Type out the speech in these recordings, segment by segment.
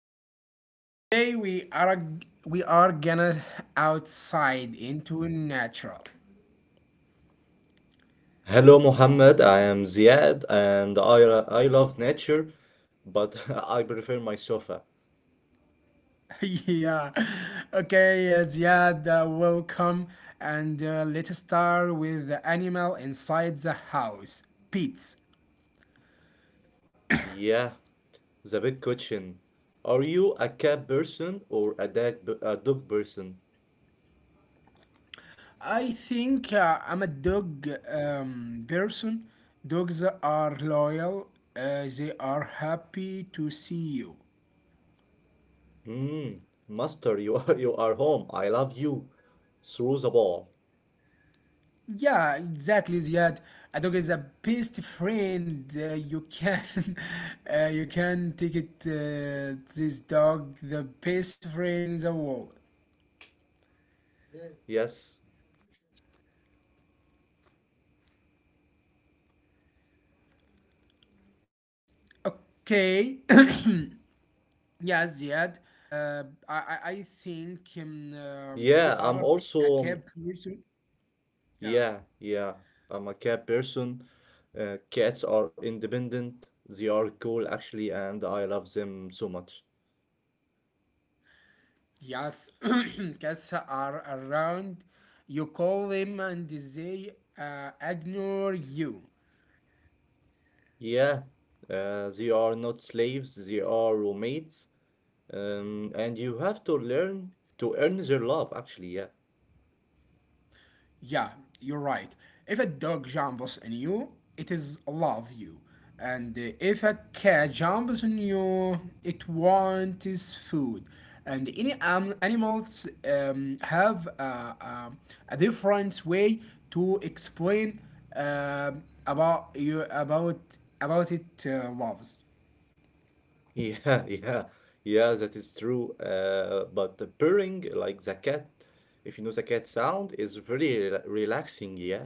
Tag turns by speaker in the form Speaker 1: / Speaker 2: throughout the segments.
Speaker 1: back. Today we are gonna outside into natural.
Speaker 2: Hello, Mohammed. I am Ziad, and I love nature, but I prefer my sofa.
Speaker 1: yeah. Okay, Ziad, welcome. And let's start with the animal inside the house. Pets.
Speaker 2: Yeah, the big cushion. Are you a cat person or a dog person?
Speaker 1: I think I'm a dog person. Dogs are loyal. They are happy to see you.
Speaker 2: Hmm, master, you are, you are home. I love you. Through the ball.
Speaker 1: Yeah, exactly, Ziad. A dog is a best friend. You can, you can take it. This dog, the best friend in the world.
Speaker 2: Yes.
Speaker 1: Okay. yeah, Ziad. I think
Speaker 2: Yeah,
Speaker 1: you
Speaker 2: I'm
Speaker 1: are
Speaker 2: also.
Speaker 1: a cat person. Yeah.
Speaker 2: Yeah, yeah. I'm a cat person. Cats are independent. They are cool, actually, and I love them so much.
Speaker 1: Yes, cats are around. You call them and they ignore you.
Speaker 2: Yeah, they are not slaves, they are roommates, and you have to learn to earn their love, actually. Yeah,
Speaker 1: Yeah, you're right. If a dog jumps on you, it is love you. And if a cat jumps on you, it wants its food. And any animals have a different way to explain about you about it loves.
Speaker 2: yeah, yeah, yeah, that is true. But the purring, like the cat, if you know the cat sound, is very relaxing. Yeah,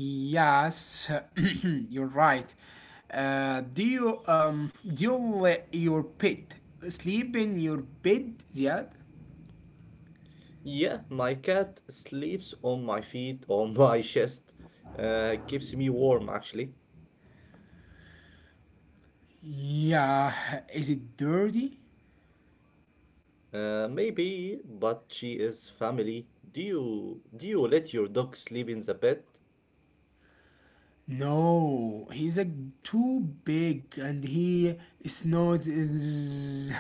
Speaker 1: Yes, you're right. Do you do you let your pet sleep in your bed, Ziad?
Speaker 2: yeah, my cat sleeps on my feet, on my chest, keeps me warm, actually.
Speaker 1: Yeah, is it dirty?
Speaker 2: Maybe, but she is family. Do you let your dog sleep in the bed?
Speaker 1: No, he's a too big and he is not.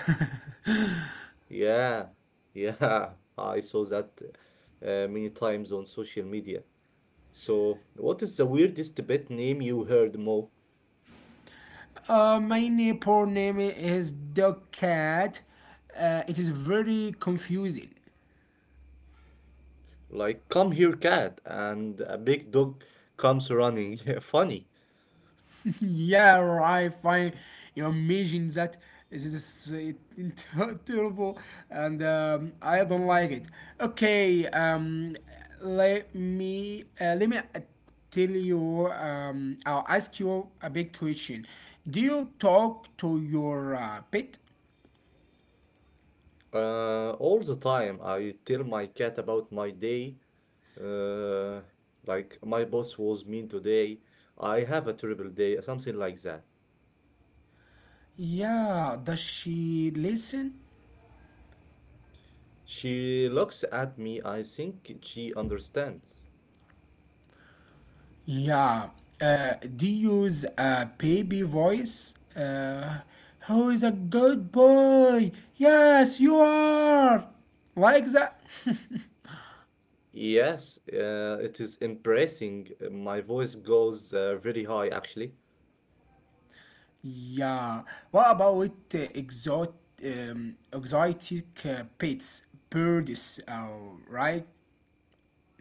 Speaker 2: Yeah, yeah, I saw that many times on social media. So, what is the weirdest pet name you heard, Mo?
Speaker 1: my neighbor name is Dog Cat. It is very confusing.
Speaker 2: Like, come here, cat, and a big dog comes running. Funny.
Speaker 1: Yeah, I find you know, imagine that this is terrible, and I don't like it. Okay, let me tell you. I'll ask you a big question. Do you talk to your pet?
Speaker 2: All the time, I tell my cat about my day. Uh, like, my boss was mean today. I have a terrible day, something like that.
Speaker 1: Yeah. Does she listen?
Speaker 2: She looks at me. I think she understands.
Speaker 1: Yeah. Do you use a baby voice? Who is a good boy? Yes, you are. Like that?
Speaker 2: Yes, it is impressing. My voice goes very high, actually.
Speaker 1: yeah. What about exot- exotic pets, birds? Right?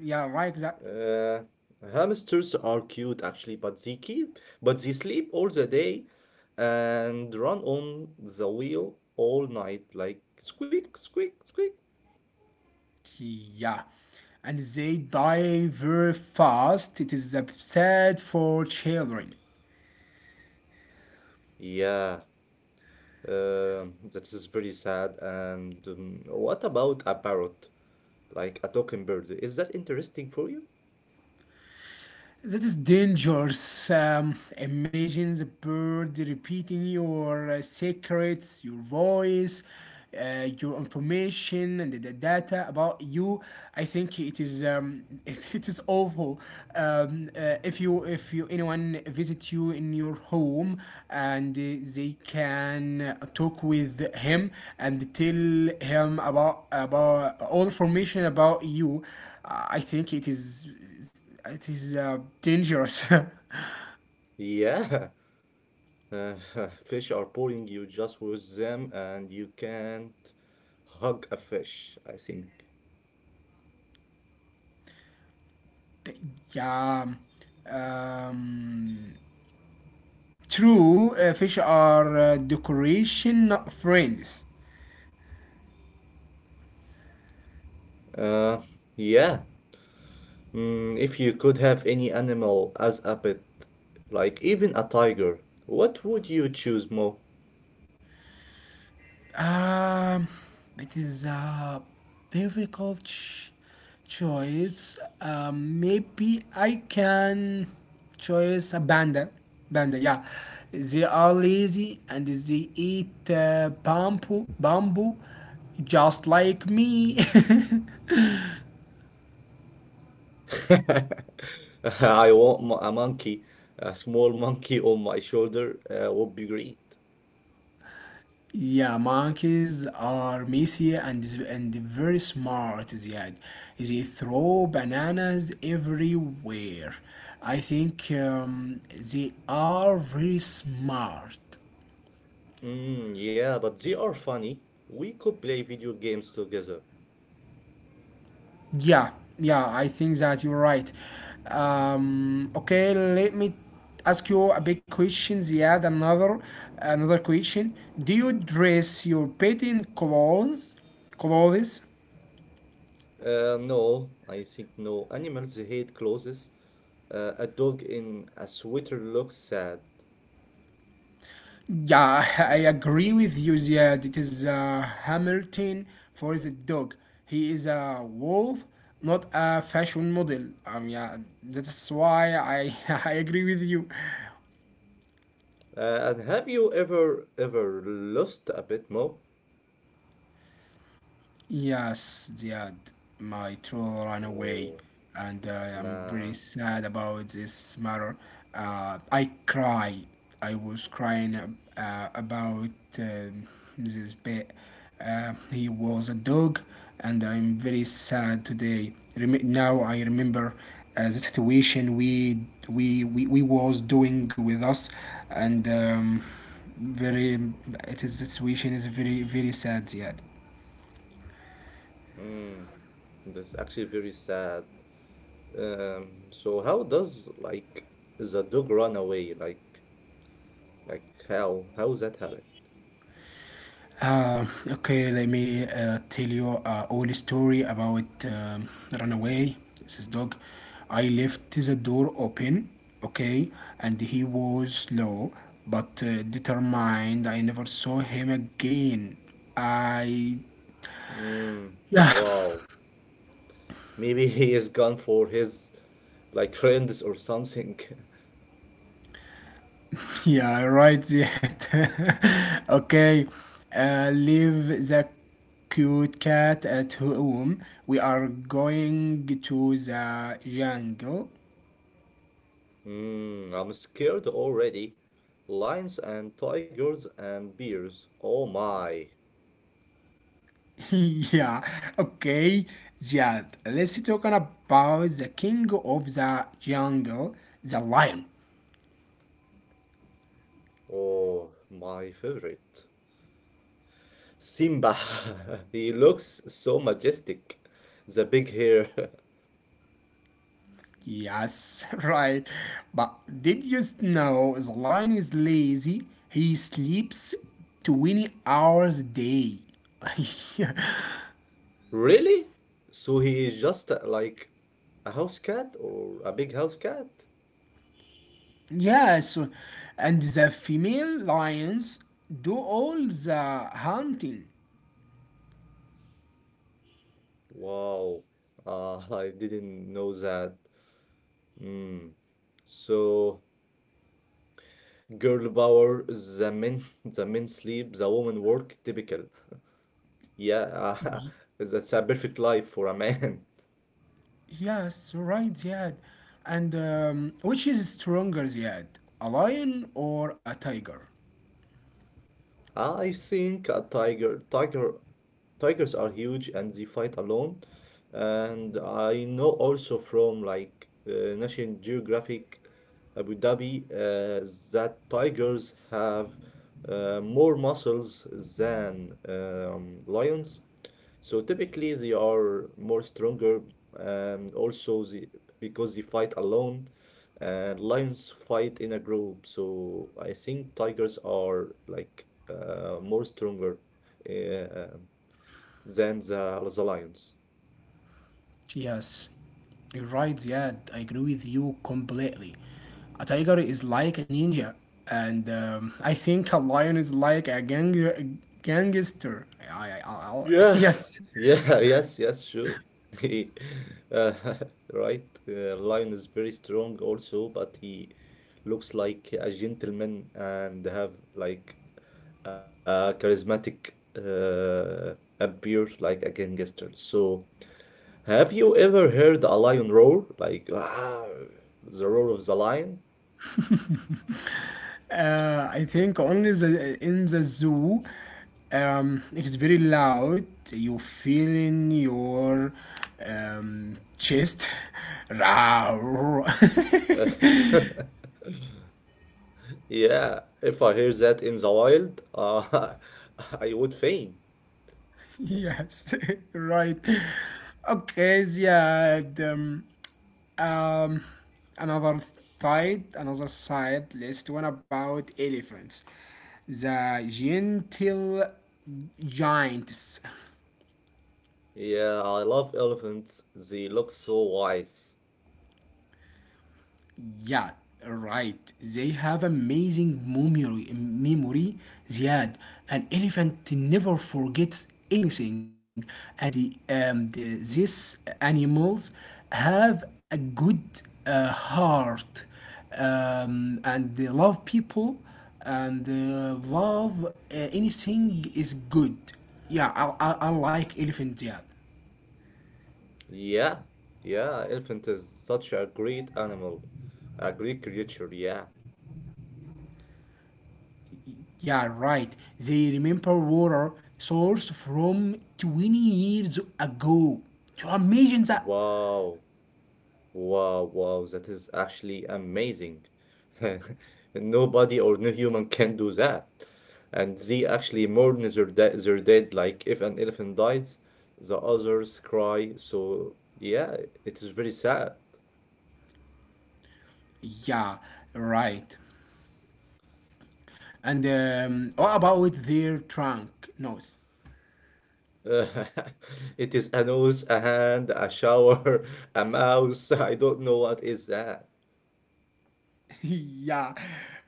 Speaker 1: Yeah, like that.
Speaker 2: Uh, hamsters are cute, actually, but they sleep all the day and run on the wheel all night, like squeak, squeak, squeak.
Speaker 1: Yeah. And they die very fast. It is sad for children.
Speaker 2: Yeah, that is very sad. And what about a parrot? Like a talking bird. Is that interesting for you?
Speaker 1: That is dangerous. Imagine the bird repeating your secrets, your voice, your information, and the data about you. I think it is it is awful. If you anyone visit you in your home and they can talk with him and tell him about all information about you, I think it is dangerous.
Speaker 2: Yeah, uh, fish are boring. You just with them, and you can't hug a fish. I think.
Speaker 1: yeah. Um, true, fish are decoration, not friends.
Speaker 2: Uh, yeah, Mm, if you could have any animal as a pet, like even a tiger, what would you choose, Mo?
Speaker 1: Um, it is a difficult ch- choice. Maybe I can choose a panda. Panda, yeah. They are lazy and they eat bamboo, just like me.
Speaker 2: I want a monkey. A small monkey on my shoulder would be great.
Speaker 1: Yeah, monkeys are messy and very smart, Ziad. They throw bananas everywhere. I think they are very smart.
Speaker 2: Mm, yeah, but they are funny. We could play video games together.
Speaker 1: Yeah, yeah, I think that you're right. Okay, let me ask you a big question, Ziad. Another question. Do you dress your pet in clothes? Clothes?
Speaker 2: No, I think no. Animals hate clothes. A dog in a sweater looks sad.
Speaker 1: Yeah, I agree with you, Ziad. It is Hamilton for the dog. He is a wolf, not a fashion model. Yeah, that's why I, I agree with you.
Speaker 2: And have you ever lost a pet, Mo?
Speaker 1: Yes, Ziad, my troll ran away,
Speaker 2: Oh.
Speaker 1: and I'm very
Speaker 2: Nah.
Speaker 1: sad about this matter. I cry. I was about this pet. He was a dog, and I'm very sad today. Now I remember the situation we was doing with us, and very it is the situation is very very sad, Ziad.
Speaker 2: Mm, this is actually very sad. So how does like the dog run away? Like like how that happen?
Speaker 1: Okay, let me tell you all story about runaway. This is dog. I left the door open, okay, and he was slow but determined. I never saw him again. I
Speaker 2: Mm,
Speaker 1: yeah
Speaker 2: wow. Maybe he is gone for his like friends or something.
Speaker 1: yeah right yet. okay, leave the cute cat at home. We are going to the jungle.
Speaker 2: Mm, I'm scared already. Lions and tigers and bears. Oh my.
Speaker 1: yeah, okay, yeah. Let's talk about the king of the jungle, the lion.
Speaker 2: Oh, my favorite. Simba. He looks so majestic. The big hair.
Speaker 1: Yes, right. But did you know the lion is lazy? He sleeps 20 hours a day.
Speaker 2: Really? So he is just like a house cat, or a big house cat?
Speaker 1: yes, and the female lions do all the hunting.
Speaker 2: Wow. I didn't know that. Mm. So girl power, the men, the men sleep, the woman work, typical. Yeah, that's a perfect life for a man.
Speaker 1: Yes, right, Ziad. And which is stronger, Ziad? A lion or a tiger?
Speaker 2: I think tigers are huge and they fight alone. And I know also from like National Geographic Abu Dhabi that tigers have more muscles than lions. So typically they are more stronger and also because they fight alone and lions fight in a group. So I think tigers are like more stronger uh, than the lions.
Speaker 1: Yes, you're right, Ziad. I agree with you completely. A tiger is like a ninja, and I think a lion is like a gangster. I, I, I,
Speaker 2: Yeah,
Speaker 1: yes.
Speaker 2: yeah, yes, yes, sure. He, uh, right, Lion is very strong also, but he looks like a gentleman and have like a charismatic uh, appear like a gangster. So, have you ever heard a lion roar? Like, ah, the roar of the lion?
Speaker 1: I think only the in the zoo, it is very loud. You feel in your um, chest. Roar.
Speaker 2: Yeah, if I hear that in the wild, I would faint.
Speaker 1: yes, right. Okay, Um, um, another another side. List one about elephants. The gentle giants.
Speaker 2: Yeah, I love elephants. They look so wise.
Speaker 1: Yeah, right. They have amazing memory. Ziad, an elephant never forgets anything, and these animals have a good heart, and they love people, and love anything is good. Yeah, I like elephant. Ziad.
Speaker 2: Yeah, yeah, elephant is such a great animal, a great creature. Yeah.
Speaker 1: Yeah, right. They remember water source from 20 years ago. To imagine that.
Speaker 2: Wow, wow, wow. That is actually amazing. Nobody or no human can do that. And they actually mourn their dead. Like if an elephant dies, the others cry. So yeah, it is very sad.
Speaker 1: Yeah, right. And what about their trunk nose?
Speaker 2: Uh, it is a nose, a hand, a shower, a mouse. I don't know what is that.
Speaker 1: yeah.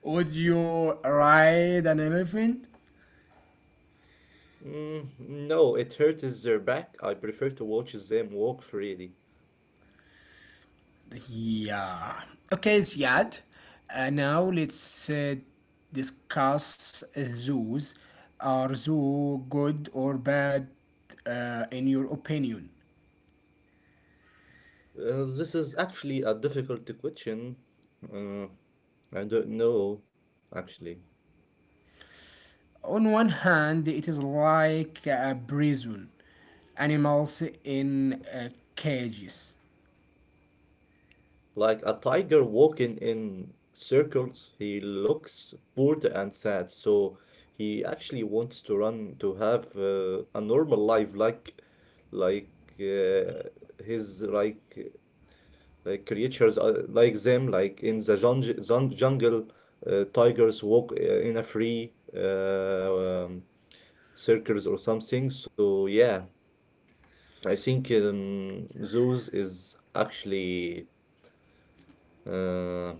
Speaker 1: Would you ride an elephant?
Speaker 2: Mm, no, it hurts their back. I prefer to watch them walk freely.
Speaker 1: Yeah. Okay, it's Ziad. Now let's discuss zoos. Are zoo good or bad in your opinion?
Speaker 2: This is actually a difficult question. Uh, I don't know, actually.
Speaker 1: On one hand, it is like a prison, animals in cages.
Speaker 2: Like a tiger walking in circles, he looks bored and sad, so he actually wants to run to have a normal life like uh, his like like creatures like them like in the jungle, jungle tigers walk in a free circles or something. So yeah, I think zoos is actually uh,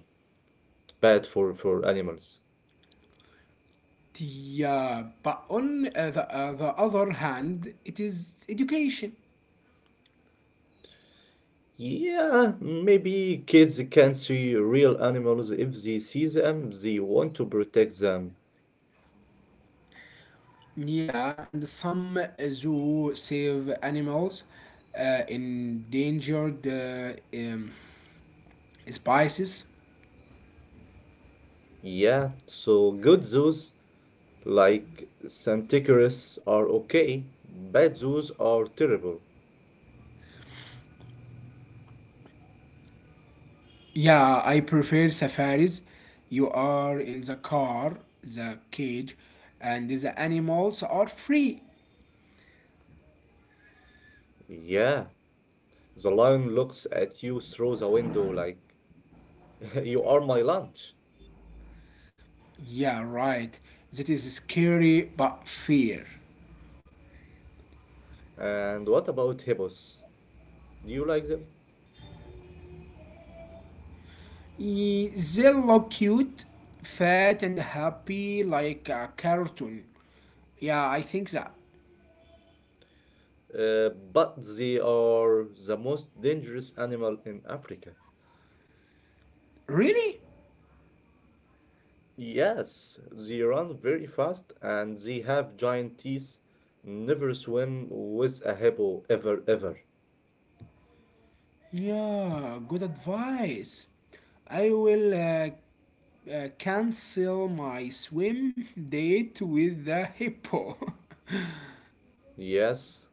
Speaker 2: bad for animals.
Speaker 1: Yeah, but on the other hand, it is education.
Speaker 2: Yeah, maybe kids can see real animals if they see them, they want to protect them.
Speaker 1: Yeah, and some zoo save animals, endangered um, species.
Speaker 2: Yeah, so good zoos like Santicorus are okay, bad zoos are terrible.
Speaker 1: Yeah, I prefer safaris. You are in the car, the cage, and the animals are free.
Speaker 2: Yeah, the lion looks at you through the window like you are my lunch.
Speaker 1: Yeah, right. That is scary but fair.
Speaker 2: And what about hippos? Do you like them?
Speaker 1: They look cute, fat, and happy like a cartoon. Yeah, I think that.
Speaker 2: But they are the most dangerous animal in Africa.
Speaker 1: Really?
Speaker 2: Yes, they run very fast and they have giant teeth. Never swim with a hippo ever, ever.
Speaker 1: Yeah, good advice. I will cancel my swim date with the hippo.
Speaker 2: Yes,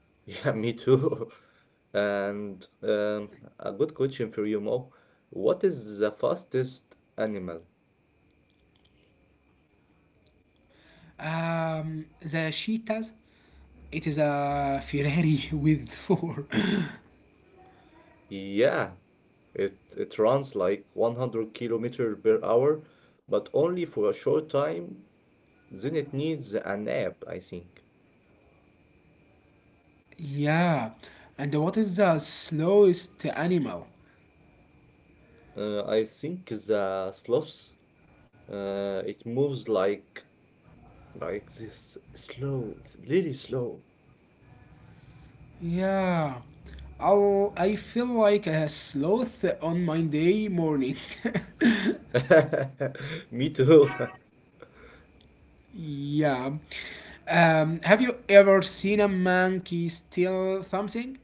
Speaker 2: yeah, me too. And a good question for you, Mo. What is the fastest animal?
Speaker 1: the cheetahs. It is a Ferrari with four.
Speaker 2: Yeah, it runs like 100 kilometer per hour, but only for a short time. Then it needs a nap, I think.
Speaker 1: Yeah, and what is the slowest animal?
Speaker 2: I think the sloth. It moves like this slow, really slow.
Speaker 1: Yeah, I feel like a sloth on Monday morning.
Speaker 2: Me too.
Speaker 1: yeah. Have you ever seen a monkey steal something?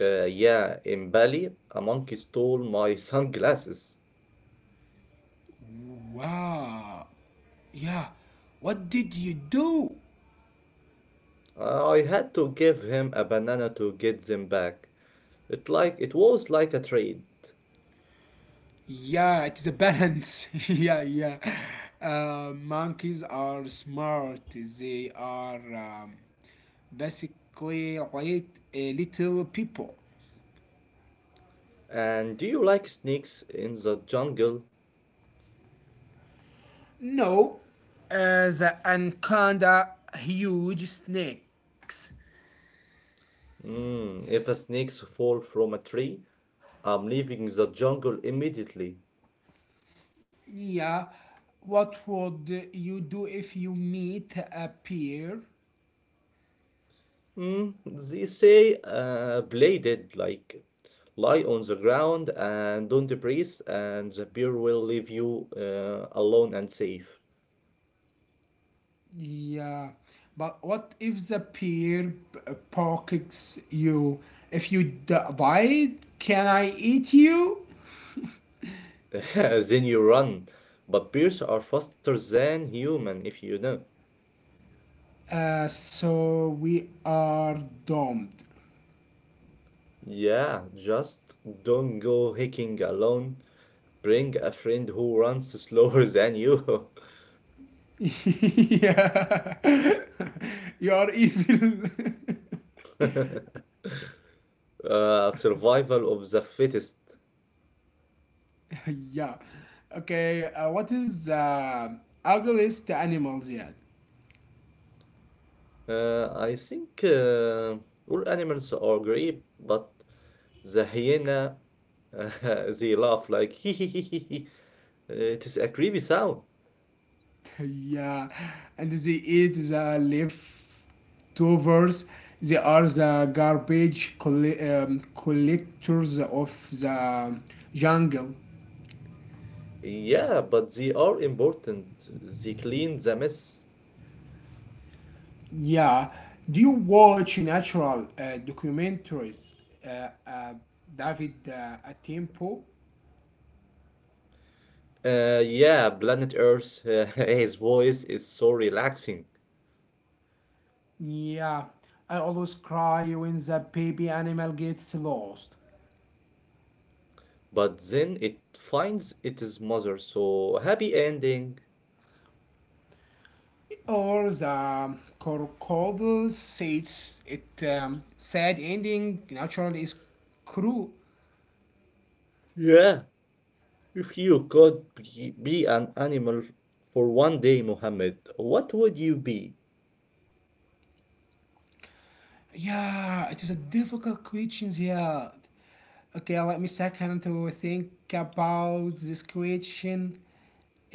Speaker 2: Yeah, in Bali, a monkey stole my sunglasses.
Speaker 1: Wow. Yeah. What did you do?
Speaker 2: I had to give him a banana to get them back. It it was like a trade.
Speaker 1: Yeah, it is a balance. yeah, yeah. Monkeys are smart. They are basically like little people.
Speaker 2: And do you like snakes in the jungle?
Speaker 1: No, uh, the anaconda huge snakes.
Speaker 2: Mm, if a snakes fall from a tree, I'm leaving the jungle immediately.
Speaker 1: Yeah, what would you do if you meet a bear?
Speaker 2: Mm, they say bladed, like lie on the ground and don't breathe, and the bear will leave you alone and safe.
Speaker 1: Yeah, but what if pokes you? If you died, can I eat you?
Speaker 2: Then you run. But bears are faster than human, if you know.
Speaker 1: So we are domed.
Speaker 2: Yeah, just don't go hiking alone. Bring a friend who runs slower than you.
Speaker 1: yeah, you are evil.
Speaker 2: Survival of the fittest.
Speaker 1: yeah. Okay. What is ugliest animals yet?
Speaker 2: I think all animals are great, but the hyena, uh, they laugh like hee hee hee hee hee. It is a creepy sound.
Speaker 1: Yeah, and they eat the leftovers. They are the collectors of the jungle.
Speaker 2: Yeah, but they are important. They clean the mess.
Speaker 1: Yeah. Do you watch natural documentaries, uh, uh, David Atempo?
Speaker 2: Yeah, planet Earth, his voice is so relaxing.
Speaker 1: Yeah. I always cry when the baby animal gets lost.
Speaker 2: But then it finds its mother, so happy ending.
Speaker 1: Or the crocodile says it sad ending naturally is cruel.
Speaker 2: Yeah. If you could be an animal for one day, Mohammed, what would you be?
Speaker 1: Yeah, it is a difficult question here. Okay, let me second to think about this question.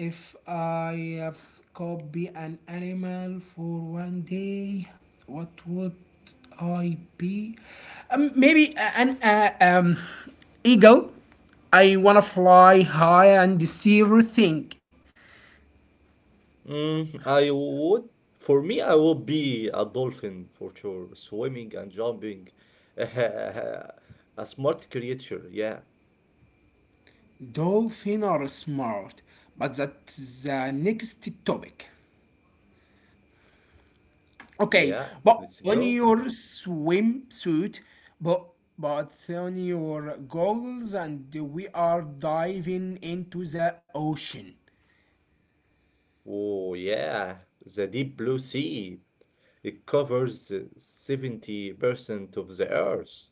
Speaker 1: If I could an animal for 1 day, what would I be? Maybe a- an eagle. I wanna fly high and see everything.
Speaker 2: Mm, I would, for me, I would be a dolphin for sure, swimming and jumping. A smart creature, yeah.
Speaker 1: Dolphins are smart, but that's the next topic. Okay,
Speaker 2: Yeah,
Speaker 1: but
Speaker 2: let's
Speaker 1: on
Speaker 2: go.
Speaker 1: your swimsuit, but but on your goggles, and we are diving into the ocean.
Speaker 2: Oh, yeah, the deep blue sea. It covers 70% of the Earth.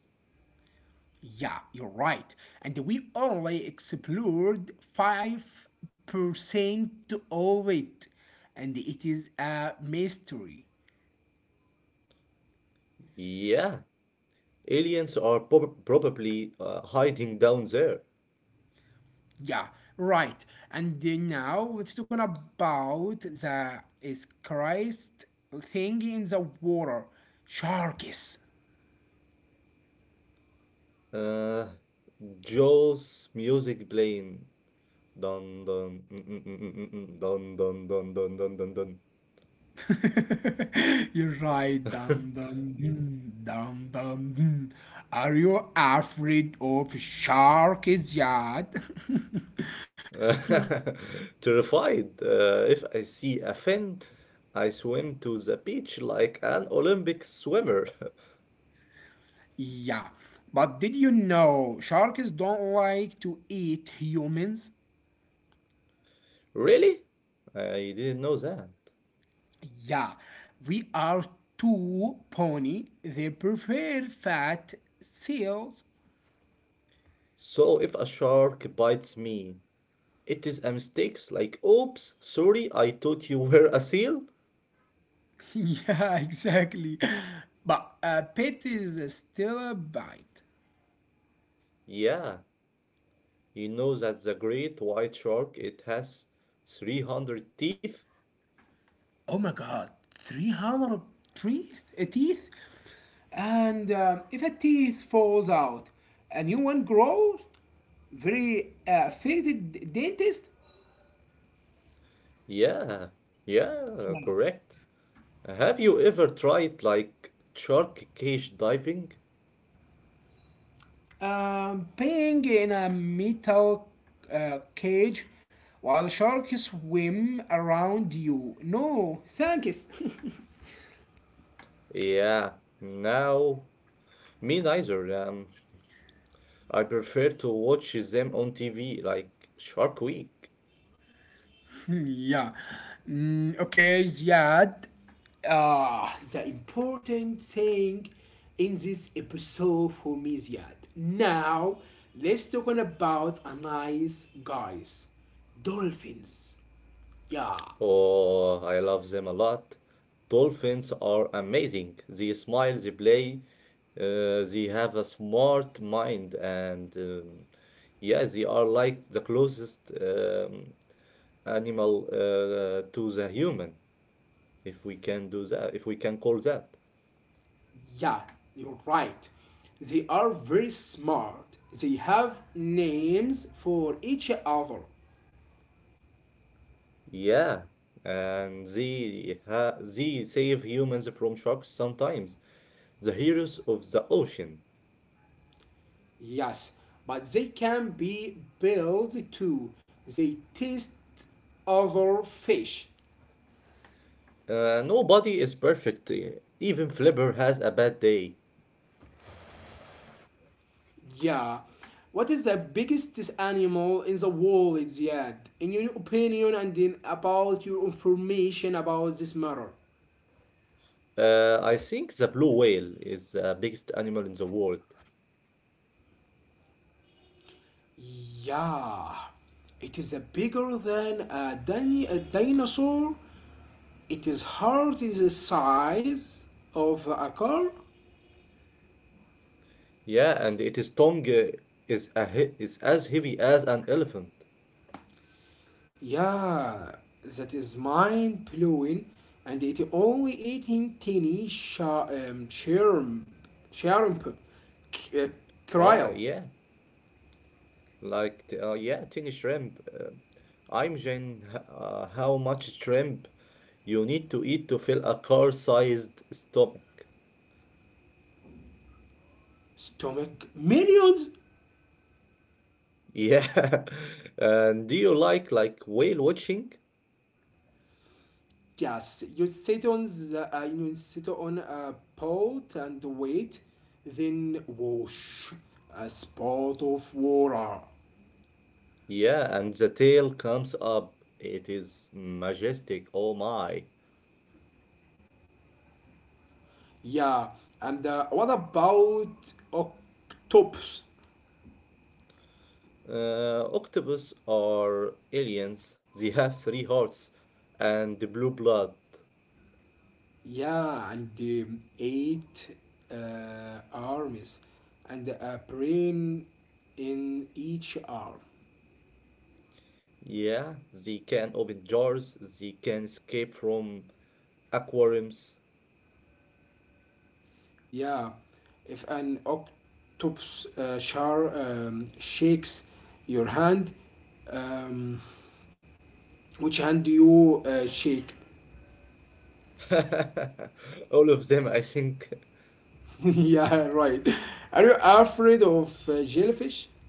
Speaker 1: Yeah, you're right. And we only explored 5% of it, and it is a mystery.
Speaker 2: Yeah, aliens are probably hiding down there.
Speaker 1: Yeah, right. And now let's talk about the is Christ thing in the water. Sharks.
Speaker 2: Uh, Joe's music playing. Dun dun mm, mm, mm, mm, mm, mm, dun dun dun dun dun dun
Speaker 1: You're right,
Speaker 2: dun.
Speaker 1: dum dum dum dum dum. Are you afraid of sharks yet?
Speaker 2: Terrified, if I see a fin, I swim to the beach like an Olympic swimmer.
Speaker 1: yeah, but did you know sharks don't like to eat humans?
Speaker 2: Really? I didn't know that.
Speaker 1: Yeah, we are too pony. They prefer fat seals.
Speaker 2: So if a shark bites me, it is a mistake, like, oops, sorry, I thought you were a seal?
Speaker 1: yeah, exactly. But a pet is still a bite.
Speaker 2: Yeah, you know that the great white shark, it has 300 teeth?
Speaker 1: Oh my god, 300 teeth and if a teeth falls out a new one grows very affected dentist.
Speaker 2: Yeah, yeah, correct. Have you ever tried like shark cage diving?
Speaker 1: Being in a metal cage while sharks swim around you, no thanks.
Speaker 2: Yeah, no, me neither. I prefer to watch them on TV like Shark Week.
Speaker 1: Yeah. Mm, okay, Ziad. The important thing in this episode for me, Ziad. Now, let's talk on about a nice guys. Dolphins. Yeah,
Speaker 2: Oh, I love them a lot. Dolphins are amazing. They smile, they play, they have a smart mind, and yeah, they are like the closest animal to the human, if we can do that, if we can call that.
Speaker 1: yeah, you're right. They are very smart. They have names for each other.
Speaker 2: Yeah, and they save humans from sharks sometimes. The heroes of the ocean.
Speaker 1: Yes, but they can be built too. They taste other fish.
Speaker 2: Nobody is perfect. Even Flipper has a bad day.
Speaker 1: Yeah. What is the biggest animal in the world yet? In your opinion and in about your information about this matter?
Speaker 2: I think the blue whale is the biggest animal in the world.
Speaker 1: Yeah. It is a bigger than a dinosaur. It is hard is the size of a car.
Speaker 2: Yeah, and its tongue is a he is as heavy as an elephant.
Speaker 1: Yeah, that is mind blowing, and it only eating shrimp, c- uh,
Speaker 2: Oh,
Speaker 1: krill,
Speaker 2: yeah, like yeah, tiny shrimp. I imagine how much shrimp you need to eat to fill a car-sized stomach.
Speaker 1: stomach, millions.
Speaker 2: Yeah, and do you like whale watching?
Speaker 1: Yes, you sit on you sit on a pot and wait, then wash a spot of water.
Speaker 2: Yeah, and the tail comes up. It is majestic. Oh my.
Speaker 1: Yeah, and what about octopus?
Speaker 2: Octopus are aliens. They have 3 hearts and the blue blood.
Speaker 1: Yeah, and eight uh, arms and a brain in each arm.
Speaker 2: Yeah, they can open jars. They can escape from aquariums.
Speaker 1: Yeah, if an octopus shakes your hand, um, which hand do you shake?
Speaker 2: All of them, I think.
Speaker 1: yeah, right. Are you afraid of jellyfish?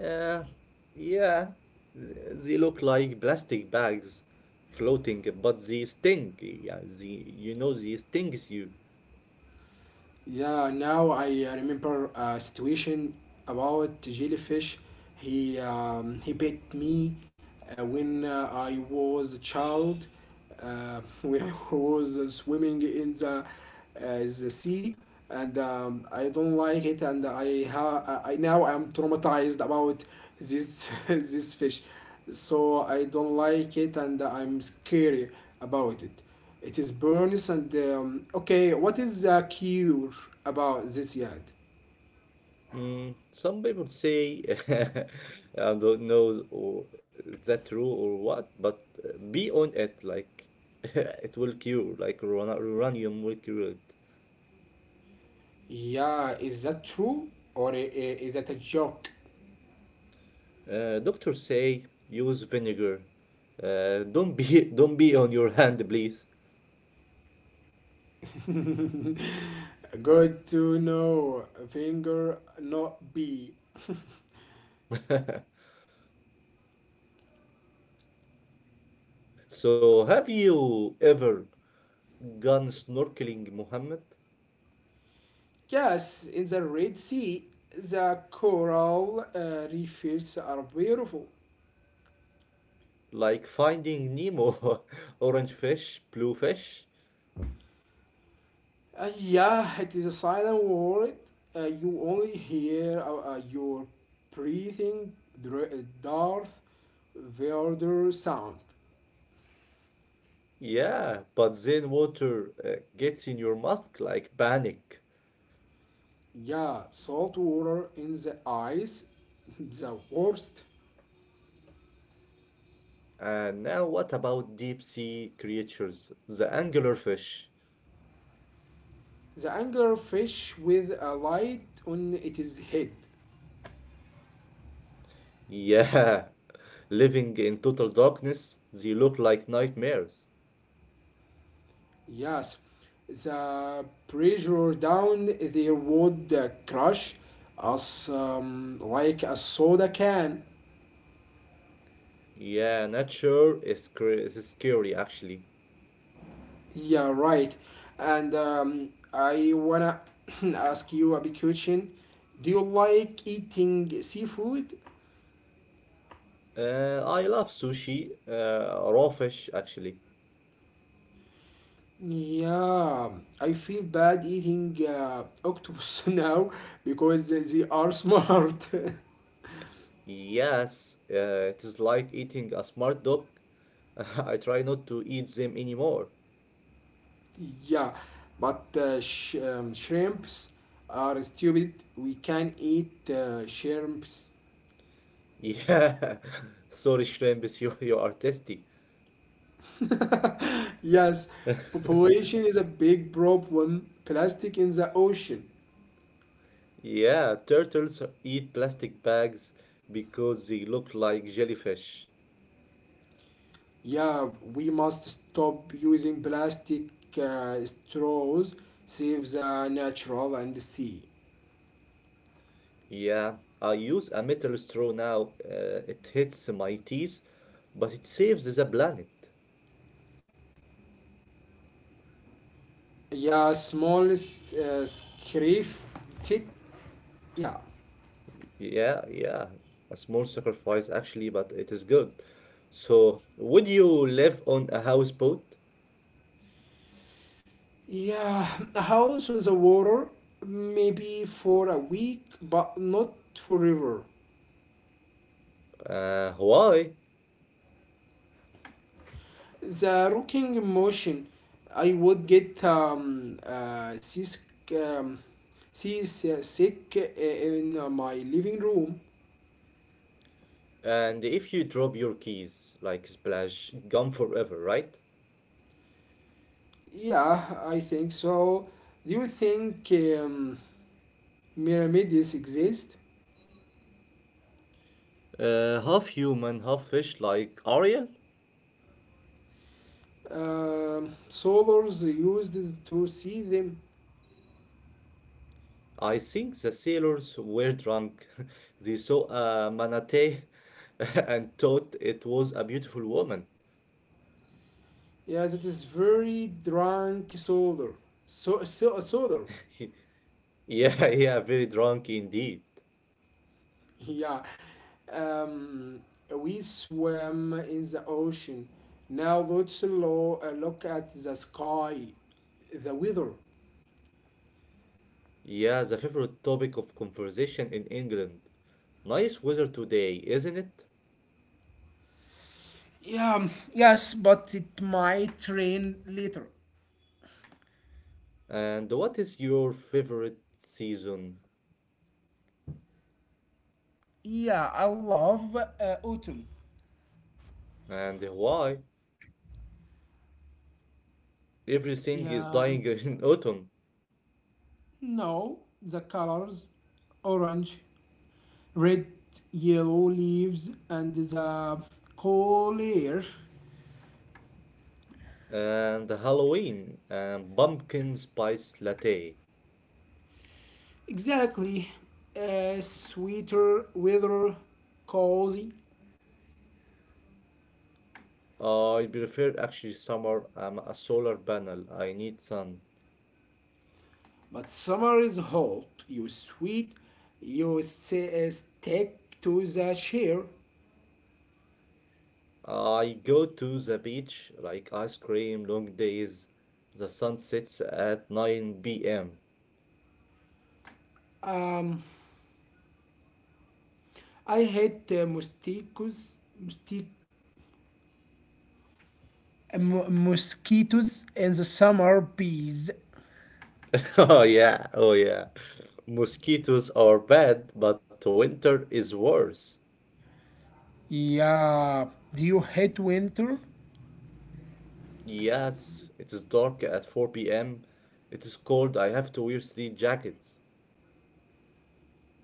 Speaker 2: Yeah, yeah. They look like plastic bags floating, but they sting. Yeah, they, you know, they stings you.
Speaker 1: Yeah, now I remember a situation about jellyfish. He bit me when I was a child. When I was swimming in the sea, and I don't like it. And I ha I- now I'm traumatized about this this fish, so I don't like it, and I'm scary about it. It is burns and okay. What is the cure about this yet?
Speaker 2: Mm, some people say I don't know or is that true or what, but be on it like it will cure, like uranium will cure it.
Speaker 1: Yeah, is that true or is that a joke?
Speaker 2: Doctors say use vinegar. Don't be don't be on your hand, please.
Speaker 1: Good to know. Finger not B.
Speaker 2: So have you ever gone snorkeling, Mohammed?
Speaker 1: Yes, in the Red Sea, the coral reefs are beautiful.
Speaker 2: Like finding Nemo, orange fish, blue fish?
Speaker 1: Yeah, it is a silent world. You only hear your breathing, Darth Vader sound.
Speaker 2: Yeah, but then water gets in your mask like panic.
Speaker 1: Yeah, salt water in the ice, the worst.
Speaker 2: And now what about deep sea creatures, the anglerfish?
Speaker 1: The anglerfish with a light on its head.
Speaker 2: Yeah, living in total darkness, they look like nightmares.
Speaker 1: Yes, the pressure down there would crush us like a soda can.
Speaker 2: Yeah, nature is scary actually.
Speaker 1: Yeah, right. And I wanna ask you a big question. Do you like eating seafood?
Speaker 2: I love sushi, raw fish actually.
Speaker 1: Yeah, I feel bad eating octopus now because they are smart.
Speaker 2: Yes, it is like eating a smart dog. I try not to eat them anymore.
Speaker 1: Yeah, but shrimps are stupid. We can eat shrimps.
Speaker 2: Yeah, sorry, shrimps, you are tasty.
Speaker 1: Yes, population is a big problem. Plastic in the ocean.
Speaker 2: Yeah, turtles eat plastic bags because they look like jellyfish.
Speaker 1: Yeah, we must stop using plastic straws, save the natural and the sea.
Speaker 2: Yeah, I use a metal straw now. It hits my teeth, but it saves the planet.
Speaker 1: Yeah, smallest scrape fit. Yeah.
Speaker 2: Yeah, yeah, a small sacrifice actually, but it is good. So, would you live on a houseboat?
Speaker 1: Yeah, house on the water, maybe for a week, but not forever.
Speaker 2: Why?
Speaker 1: The rocking motion, I would get seasick, um, in my living room.
Speaker 2: And if you drop your keys, like splash, gone forever, right?
Speaker 1: Yeah, I think so. Do you think pyramids exist?
Speaker 2: Half human, half fish, like Ariel.
Speaker 1: Solars used to see them.
Speaker 2: I think the sailors were drunk. They saw a manatee and thought it was a beautiful woman.
Speaker 1: Yeah, that is very drunk solar. So solar.
Speaker 2: Yeah, yeah, very drunk indeed.
Speaker 1: Yeah. Um, we swim in the ocean. Now let's look at the sky, the weather.
Speaker 2: Yeah, the favorite topic of conversation in England. Nice weather today, isn't it?
Speaker 1: Yeah, yes, but it might rain later.
Speaker 2: And what is your favorite season?
Speaker 1: Yeah, I love autumn.
Speaker 2: And why? Everything is
Speaker 1: Yeah,
Speaker 2: dying in autumn.
Speaker 1: no, the colors orange, red, yellow leaves, and the cool air.
Speaker 2: And the Halloween and pumpkin spice latte.
Speaker 1: Exactly. Sweeter weather, cozy.
Speaker 2: I prefer actually summer. I'm a solar panel. I need sun.
Speaker 1: But summer is hot. You sweat. You stick to the chair.
Speaker 2: I go to the beach, like ice cream, long days. The sun sets at 9 p.m.
Speaker 1: Um, I hate mosquitoes. Mosquitoes in the summer, bees.
Speaker 2: Oh yeah, oh yeah. Mosquitoes are bad, but winter is worse.
Speaker 1: Yeah. Do you hate winter?
Speaker 2: Yes, it is dark at 4 p.m. It is cold. I have to wear three jackets.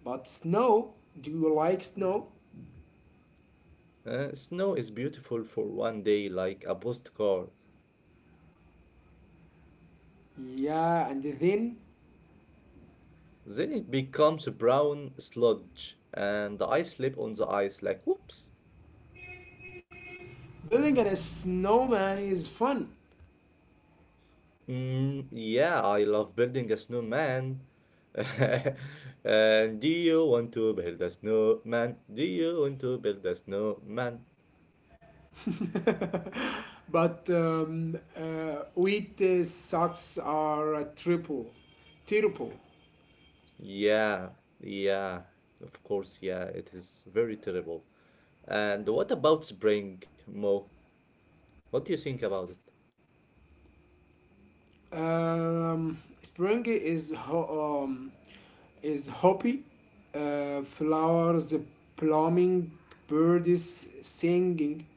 Speaker 1: But snow? Do you like snow?
Speaker 2: Snow is beautiful for one day, like a postcard.
Speaker 1: Yeah, and then
Speaker 2: Then it becomes brown sludge, and I slip on the ice like, whoops.
Speaker 1: building a snowman is fun.
Speaker 2: Mm, yeah, I love building a snowman. And do you want to build a snowman? Do you want to build a snowman?
Speaker 1: But wheat socks are a triple.
Speaker 2: Yeah, yeah, of course, yeah, it is very terrible. And what about spring, Mo? What do you think about it?
Speaker 1: Spring is hoppy. Flowers blooming, birds singing.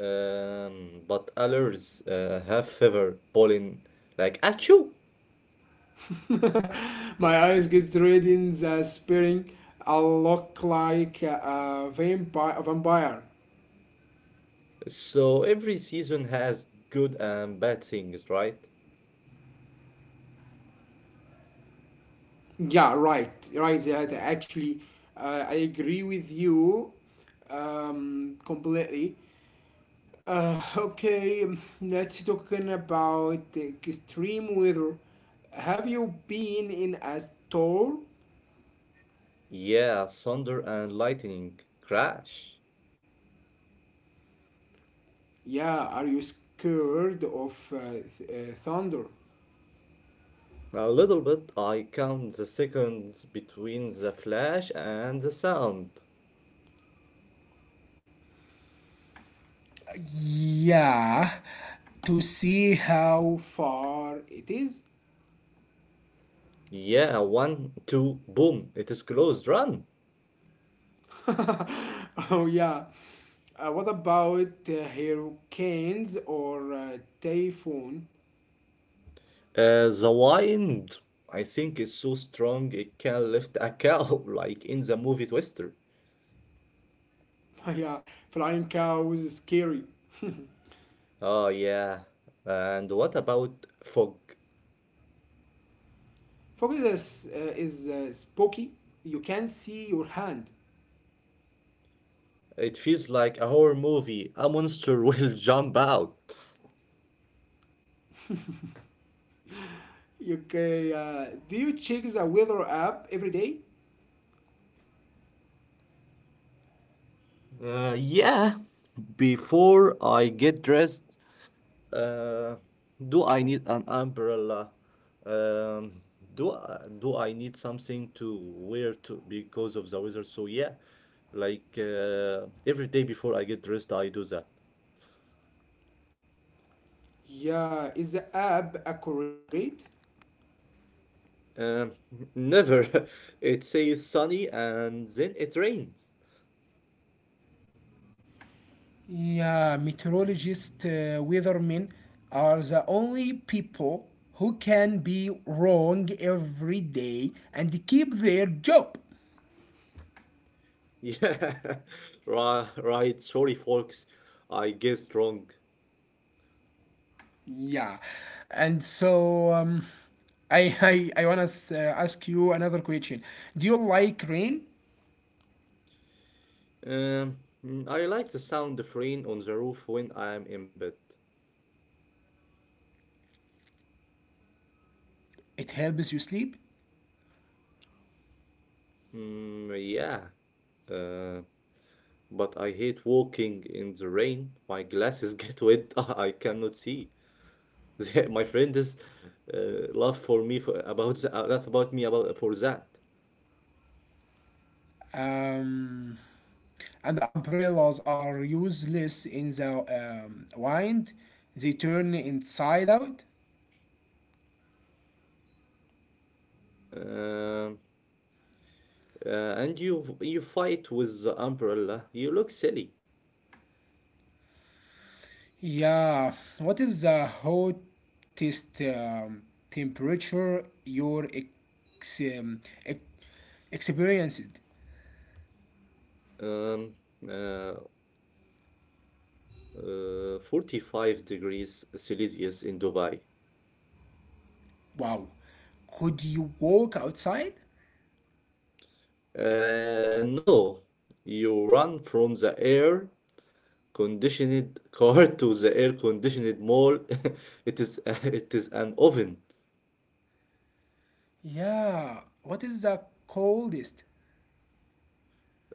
Speaker 2: But others have fever pollen like achoo.
Speaker 1: My eyes get red in the spring. I look like a vampire.
Speaker 2: So every season has good and bad things, right?
Speaker 1: Yeah, right, right. That actually, I agree with you completely. Okay, let's talking about extreme weather. Have you been in a storm?
Speaker 2: Yeah, thunder and lightning crash.
Speaker 1: Yeah, are you scared of thunder?
Speaker 2: A little bit, I count the seconds between the flash and the sound.
Speaker 1: Yeah, to see how far it is.
Speaker 2: Yeah, one, two, boom, it is closed, run.
Speaker 1: Oh, yeah. What about hurricanes or typhoon.
Speaker 2: The wind, I think, is so strong it can lift a cow, like in the movie Twister.
Speaker 1: Yeah, flying cows is scary.
Speaker 2: Oh, yeah. And what about fog?
Speaker 1: Focus is, spooky. You can see your hand.
Speaker 2: It feels like a horror movie. A monster will jump out.
Speaker 1: Do you check the weather app every day?
Speaker 2: Yeah. Before I get dressed, uh, do I need an umbrella? Um, do I need something to wear to because of the weather? So yeah, like every day before I get dressed, I do that.
Speaker 1: Yeah, is the app accurate?
Speaker 2: Um, never. It says sunny and then it rains.
Speaker 1: Yeah, meteorologists, weathermen are the only people who can be wrong every day and keep their job.
Speaker 2: Yeah, right, right. Sorry, folks. I guessed wrong.
Speaker 1: Yeah. And so, I I wanna ask you another question. Do you like rain?
Speaker 2: Um, I like the sound of rain on the roof when I'm in bed.
Speaker 1: It helps you sleep.
Speaker 2: Mm, yeah, uh, but I hate walking in the rain. My glasses get wet. I cannot see. My friend is laugh for me for about laugh about me about for that.
Speaker 1: Um, and the umbrellas are useless in the wind. They turn inside out.
Speaker 2: Um, and you fight with the umbrella. You look silly.
Speaker 1: Yeah, what is the hottest temperature you're ex- experienced?
Speaker 2: Um, uh, 45 degrees Celsius in Dubai.
Speaker 1: Wow. Could you walk outside?
Speaker 2: No, you run from the air conditioned car to the air conditioned mall. It is it is an oven.
Speaker 1: Yeah. What is the coldest?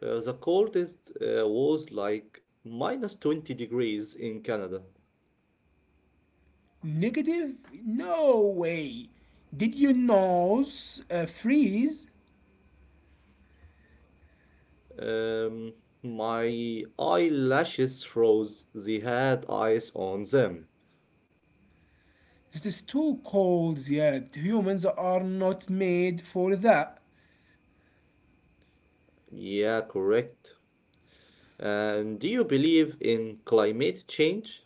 Speaker 2: The coldest was like minus 20 degrees in Canada.
Speaker 1: Negative? No way. Did your nose freeze?
Speaker 2: Um, my eyelashes froze. They had ice on them.
Speaker 1: It is too cold yet. Humans are not made for that.
Speaker 2: Yeah, correct. And do you believe in climate change?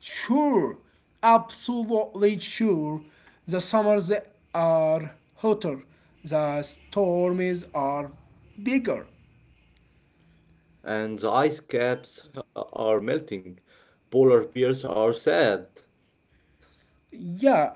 Speaker 1: Sure, absolutely sure. The summers are hotter, the storms are bigger.
Speaker 2: And the ice caps are melting. Polar bears are sad.
Speaker 1: Yeah,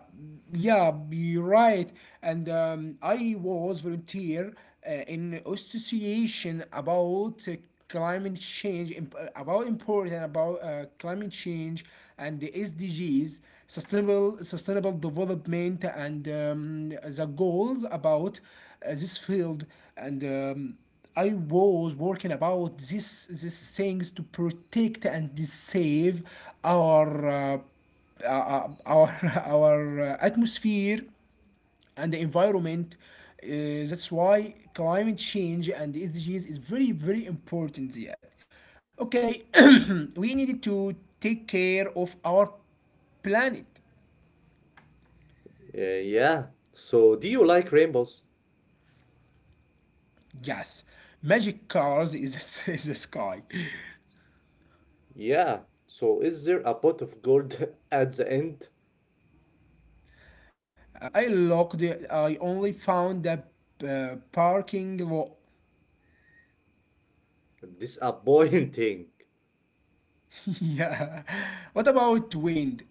Speaker 1: yeah, you're right. And I was volunteer in association about climate change, about important about climate change and the SDGs, sustainable development, and the goals about this field. And I was working about this these things to protect and save our. Our our atmosphere and the environment. That's why climate change and the SDGs is very important. Yet, okay, we needed to take care of our planet.
Speaker 2: Yeah. So, do you like rainbows?
Speaker 1: Yes, magic cars is is the sky.
Speaker 2: Yeah. So, is there a pot of gold at the end?
Speaker 1: I looked. I only found the parking lot.
Speaker 2: Disappointing.
Speaker 1: Yeah. What about wind?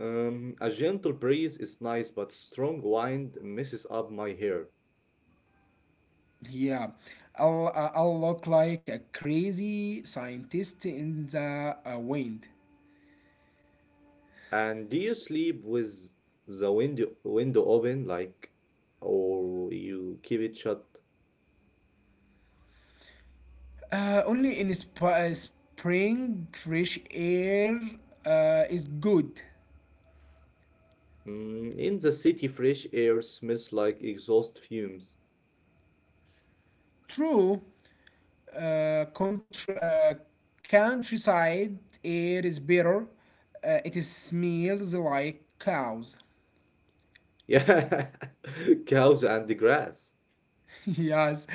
Speaker 2: A gentle breeze is nice, but strong wind messes up my hair.
Speaker 1: Yeah, I'll look like a crazy scientist in the wind.
Speaker 2: And do you sleep with the window open, like, or you keep it shut?
Speaker 1: Only in spring, fresh air is good.
Speaker 2: Mm, in the city, fresh air smells like exhaust fumes.
Speaker 1: True, uh, contr- uh, countryside air is better. It is smells like cows.
Speaker 2: Yeah, cows and the grass.
Speaker 1: Yes.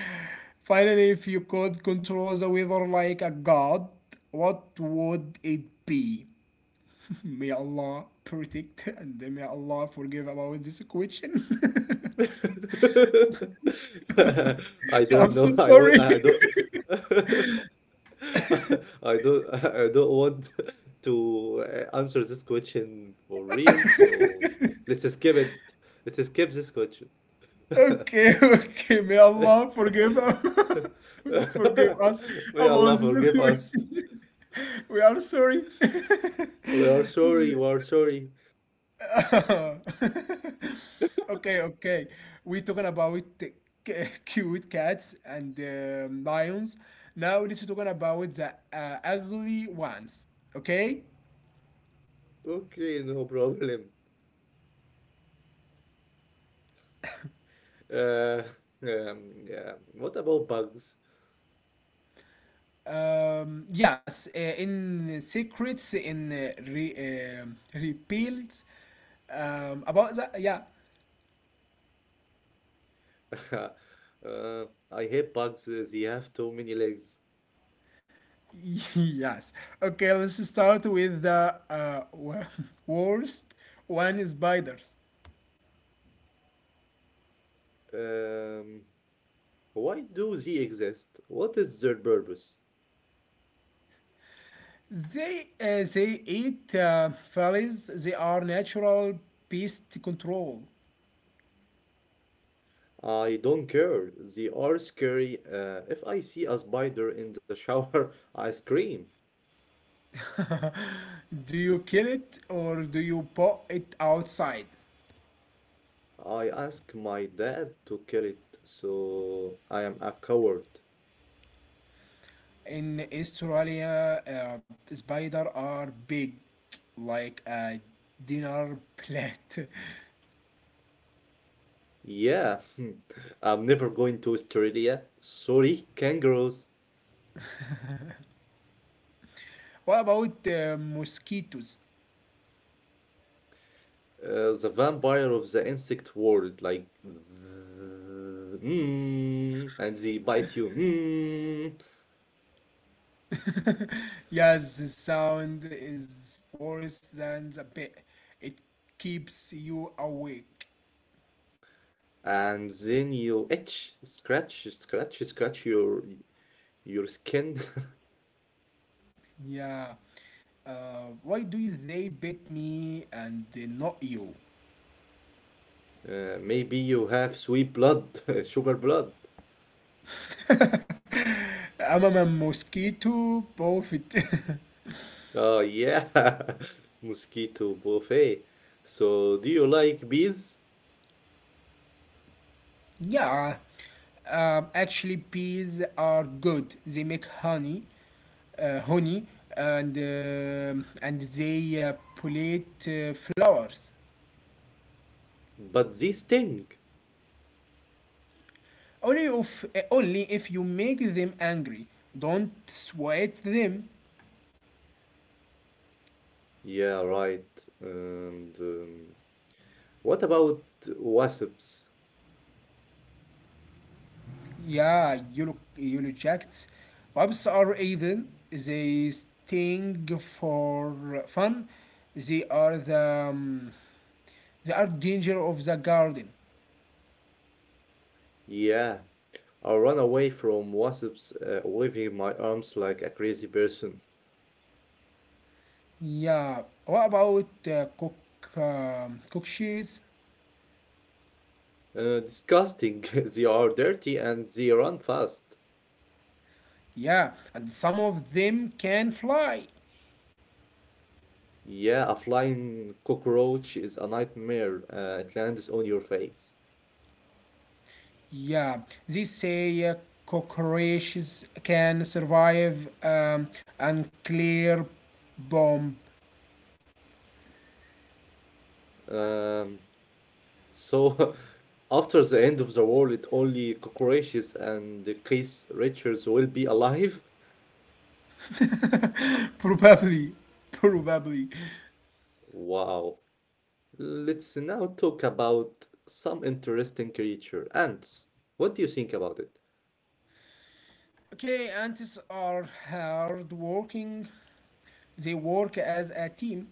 Speaker 1: Finally, if you could control the weather like a god, what would it be? May Allah protect and may Allah forgive about this question.
Speaker 2: I
Speaker 1: I'm
Speaker 2: don't
Speaker 1: so
Speaker 2: know. I want.
Speaker 1: sorry.
Speaker 2: I don't. I don't. I don't want to answer this question for real. So let's skip it. Let's skip this question.
Speaker 1: Okay, okay. May Allah forgive forgive us
Speaker 2: May Allah
Speaker 1: about this
Speaker 2: forgive us.
Speaker 1: question. We are sorry.
Speaker 2: We are sorry. We are sorry.
Speaker 1: Okay, okay. We're talking about cute cats and lions. Now let's talking about the ugly ones. Okay.
Speaker 2: Okay, no problem. Uh, yeah. What about bugs?
Speaker 1: Yes, in secrets in repealed. About that, yeah.
Speaker 2: Uh, I hate bugs. They have too many legs.
Speaker 1: Yes. Okay, let's start with the worst one: is spiders.
Speaker 2: Um, why do they exist? What is their purpose?
Speaker 1: They eat flies. They are natural pest control.
Speaker 2: I don't care. They are scary. If I see a spider in the shower, I scream.
Speaker 1: Do you kill it or do you put it outside?
Speaker 2: I ask my dad to kill it, so I am a coward.
Speaker 1: In Australia, spider are big, like a dinner plate.
Speaker 2: Yeah, I'm never going to Australia. Sorry, kangaroos.
Speaker 1: What about mosquitoes?
Speaker 2: The vampire of the insect world, like zzz, mm, and they bite you, mm,
Speaker 1: Yes, the sound is worse than the bit. It keeps you awake.
Speaker 2: and then you itch, scratch, scratch, scratch your skin.
Speaker 1: Yeah. Why do they bit me and they not you?
Speaker 2: Maybe you have sweet blood, sugar blood.
Speaker 1: I'm a mosquito prophet.
Speaker 2: Oh yeah, mosquito buffet. So do you like bees?
Speaker 1: Yeah. Actually, bees are good. They make honey and they pollinate flowers.
Speaker 2: But they sting.
Speaker 1: Only if you make them angry. Don't sweat them.
Speaker 2: Yeah, right. And what about wasps?
Speaker 1: Yeah, yellow jackets. Wasps are evil. They sting for fun. They are the um, they are danger of the garden.
Speaker 2: Yeah, I ran away from wasps, waving my arms like a crazy person.
Speaker 1: Yeah. What about cockroaches?
Speaker 2: Disgusting. They are dirty and they run fast.
Speaker 1: Yeah, and some of them can fly.
Speaker 2: Yeah, a flying cockroach is a nightmare. It lands on your face.
Speaker 1: Yeah, they say cockroaches can survive unclear bomb.
Speaker 2: Um, so, after the end of the world, only cockroaches and the case creatures will be alive.
Speaker 1: Probably, probably.
Speaker 2: Wow. Let's now talk about some interesting creature, ants. What do you think about it?
Speaker 1: Okay, ants are hard working. They work as a team.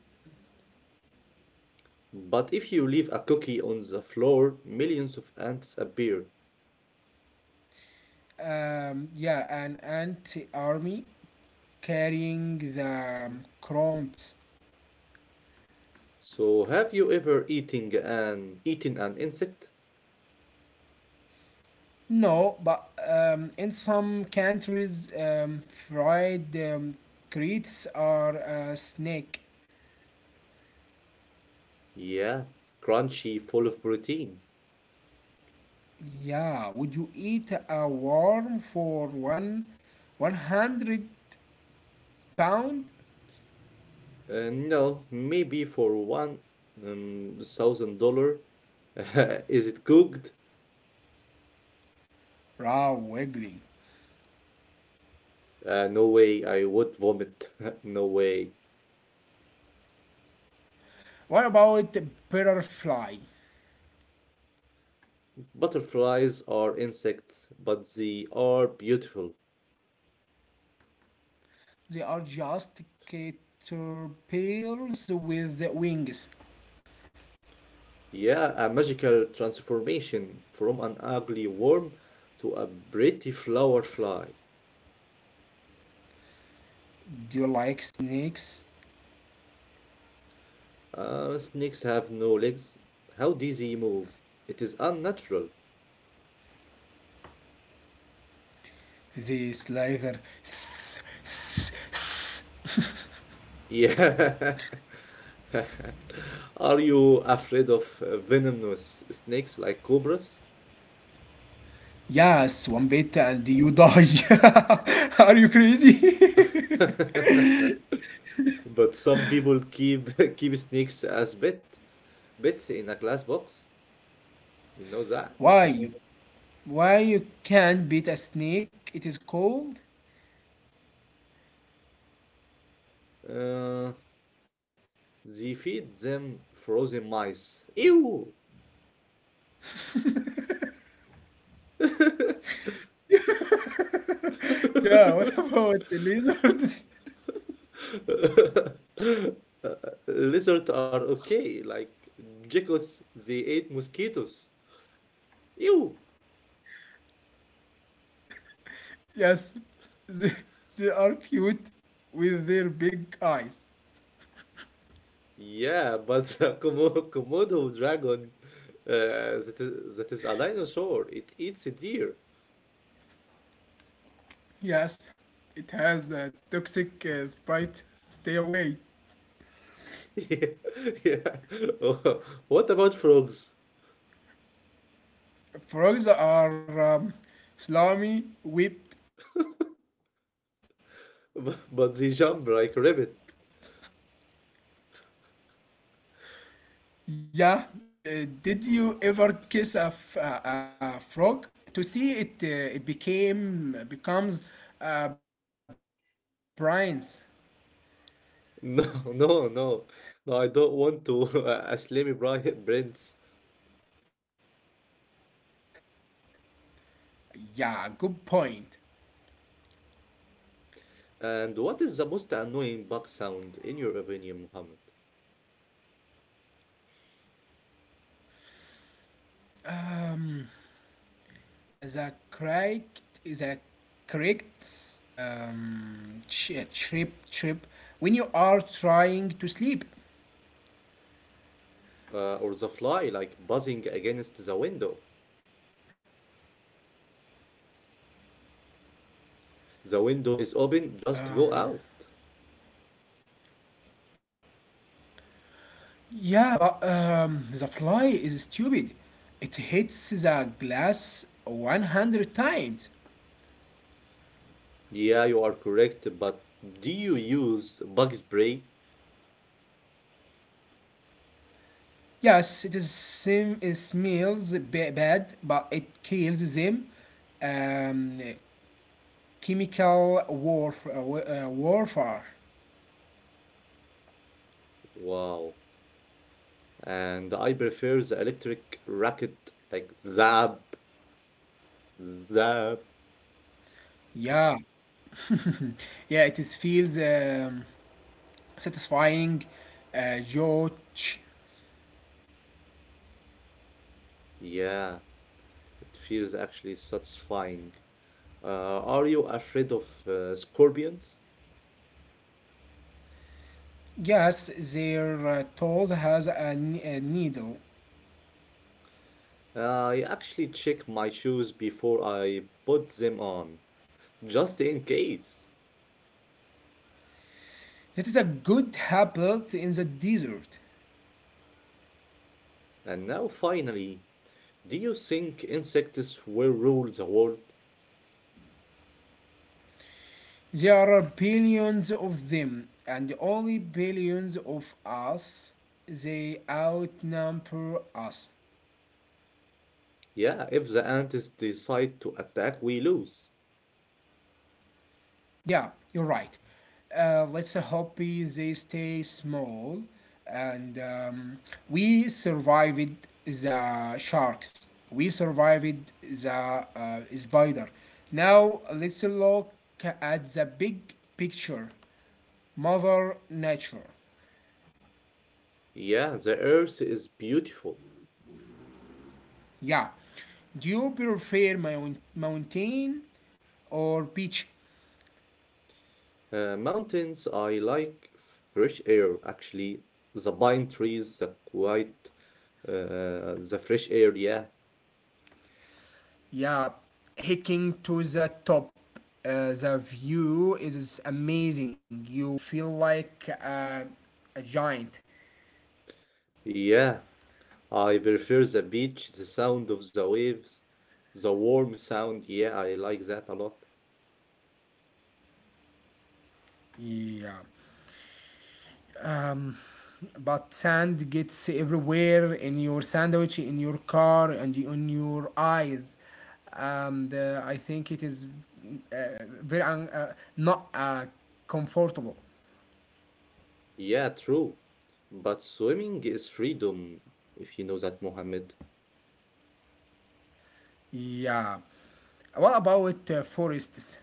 Speaker 2: But if you leave a cookie on the floor, millions of ants appear.
Speaker 1: Yeah, an ant army carrying the crumbs.
Speaker 2: So have you ever eating an eaten an insect?
Speaker 1: No, but in some countries, fried creates are a snack.
Speaker 2: Yeah, crunchy, full of protein.
Speaker 1: Yeah, would you eat a worm for one 100 pound?
Speaker 2: No, maybe for one thousand dollar. Is it cooked?
Speaker 1: Raw wiggling.
Speaker 2: No way, I would vomit. No way.
Speaker 1: What about the butterfly?
Speaker 2: Butterflies are insects, but they are beautiful.
Speaker 1: They are just caterpillars with wings.
Speaker 2: Yeah, a magical transformation from an ugly worm to a pretty flower fly.
Speaker 1: Do you like snakes?
Speaker 2: Snakes have no legs. How does he move? It is unnatural.
Speaker 1: They slither.
Speaker 2: Yeah. Are you afraid of venomous snakes like cobras?
Speaker 1: Yes, one bit and you die. Are you crazy?
Speaker 2: But some people keep keep snakes as pets in a glass box. You know that?
Speaker 1: Why? Why you can't beat a snake? It is cold.
Speaker 2: Uh, They feed them frozen mice. Ew!
Speaker 1: Yeah. What about the lizards?
Speaker 2: Lizards are okay, like geckos, they ate mosquitoes. Ew!
Speaker 1: Yes, they, they are cute with their big eyes.
Speaker 2: Yeah, but the Komodo dragon, that is, a dinosaur, it eats a deer.
Speaker 1: Yes, it has a toxic spite. Stay away.
Speaker 2: Yeah, yeah. What about frogs?
Speaker 1: Frogs are slimy, whipped.
Speaker 2: But they jump like rabbit.
Speaker 1: Yeah, did you ever kiss a frog? To see it, became becomes brines.
Speaker 2: No, no, no, no, I don't want to Aslami Prince.
Speaker 1: Yeah, good point.
Speaker 2: And what is the most annoying bug sound in your opinion, Muhammad?
Speaker 1: The correct trip when you are trying to sleep.
Speaker 2: Or the fly like buzzing against the window. The window is open, just go out.
Speaker 1: Yeah, about the fly is stupid. It hits the glass 100 times.
Speaker 2: Yeah, you are correct, but do you use bug spray?
Speaker 1: Yes, it smells bad, but it kills them. Um, Chemical warfare.
Speaker 2: Wow. And I prefer the electric racket, like zap, zap.
Speaker 1: Yeah. Yeah, it is feels satisfying George.
Speaker 2: Yeah, it feels actually satisfying. Are you afraid of scorpions?
Speaker 1: Yes, their tool has a needle.
Speaker 2: I actually check my shoes before I put them on, just in case.
Speaker 1: That is a good habit in the desert.
Speaker 2: And now, finally, do you think insects will rule the world?
Speaker 1: There are billions of them, and only billions of us. They outnumber us.
Speaker 2: Yeah, if the ants decide to attack, we lose.
Speaker 1: Yeah, you're right. Let's hope they stay small and we survived the sharks. We survived the spider. Now let's look at the big picture Mother Nature.
Speaker 2: Yeah, the earth is beautiful.
Speaker 1: Yeah. Do you prefer mountain or beach?
Speaker 2: Mountains, I like fresh air, actually. The pine trees, the quiet, the fresh air, yeah.
Speaker 1: Yeah, hiking to the top. The view is amazing. You feel like a giant.
Speaker 2: Yeah, I prefer the beach, the sound of the waves, the warm sound. Yeah, I like that a lot.
Speaker 1: Yeah, but sand gets everywhere in your sandwich, in your car, and on your eyes. And I think it is uh, very not comfortable.
Speaker 2: Yeah, true. But swimming is freedom, if you know that, Mohammed.
Speaker 1: Yeah. What about forests?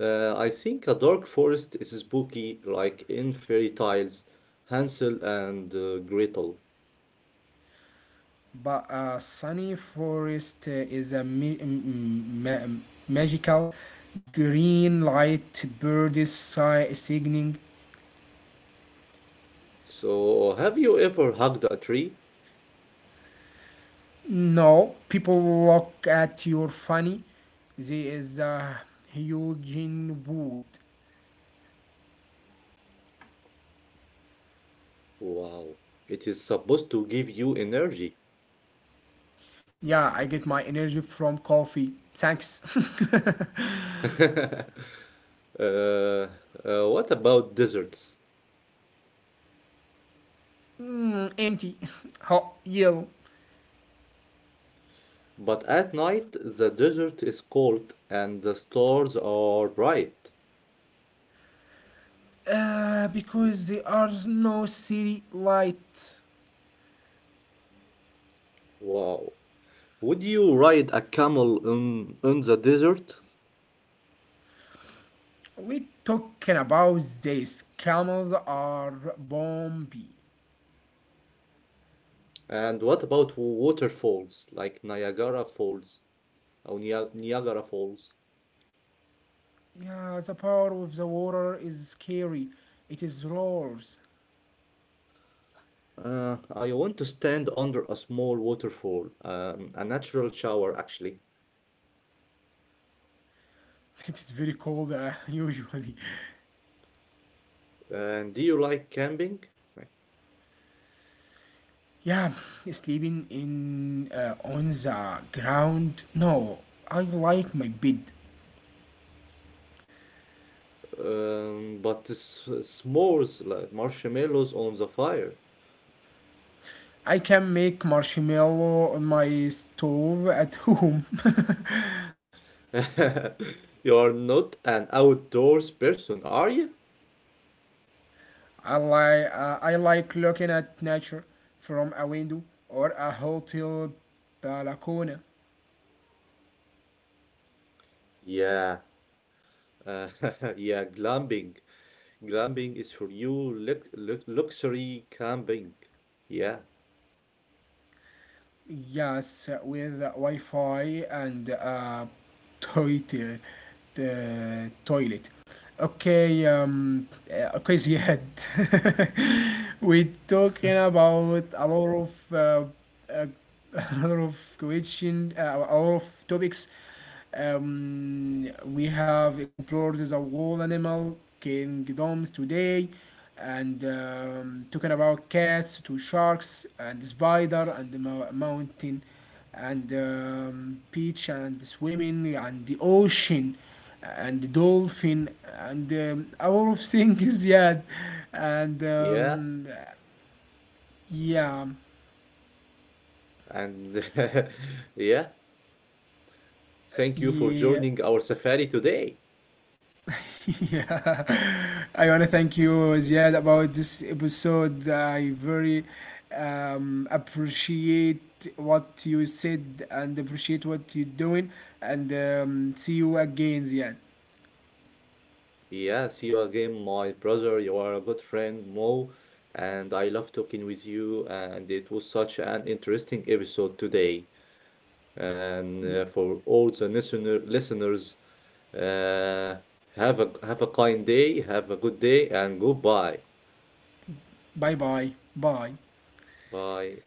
Speaker 2: I think a dark forest is spooky, like in fairy tales, Hansel and Gretel.
Speaker 1: But a sunny forest is a ma- magical green light birds signaling.
Speaker 2: So, have you ever hugged a tree?
Speaker 1: No, people look at your funny. There is a huge wood.
Speaker 2: Wow, it is supposed to give you energy.
Speaker 1: Yeah, I get my energy from coffee. Thanks.
Speaker 2: Uh, what about deserts?
Speaker 1: Mm, empty, hot, yellow.
Speaker 2: But at night, the desert is cold and the stars are bright.
Speaker 1: Because there are no city lights.
Speaker 2: Wow. Would you ride a camel in the desert?
Speaker 1: We talking about this. Camels are bumpy.
Speaker 2: And what about waterfalls like Niagara Falls or Niagara Falls?
Speaker 1: Yeah, the power of the water is scary. It is roars.
Speaker 2: I want to stand under a small waterfall, a natural shower actually.
Speaker 1: It is very cold usually.
Speaker 2: And do you like camping?
Speaker 1: Yeah, sleeping in on the ground. No, I like my bed.
Speaker 2: But s'mores like marshmallows on the fire.
Speaker 1: I can make marshmallow on my stove at home.
Speaker 2: You're not an outdoors person, are you?
Speaker 1: I like looking at nature from a window or a hotel balcony.
Speaker 2: Yeah. Uh, yeah, glamping. Glamping is for you luxury camping. Yeah.
Speaker 1: Yes, with Wi-Fi and a toilet. The toilet. Okay, Ziad. We're talking about a lot of uh, a lot of question, a lot of topics. We have explored the whole animal kingdoms today and talking about cats to sharks and spider and the mountain and beach and swimming and the ocean and the dolphin and a lot of things. Yeah. And
Speaker 2: Yeah.
Speaker 1: yeah.
Speaker 2: And yeah. Thank you for
Speaker 1: Yeah
Speaker 2: joining our safari today.
Speaker 1: yeah, I want to thank you, Ziad, about this episode. I very appreciate what you said and appreciate what you're doing. And see you again, Ziad.
Speaker 2: Yeah. See you again, my brother. You are a good friend, Mo. And I love talking with you. And it was such an interesting episode today. And for all the listeners, Uh, have a kind day, have a good day, and goodbye.
Speaker 1: Bye, bye. Bye.
Speaker 2: Bye.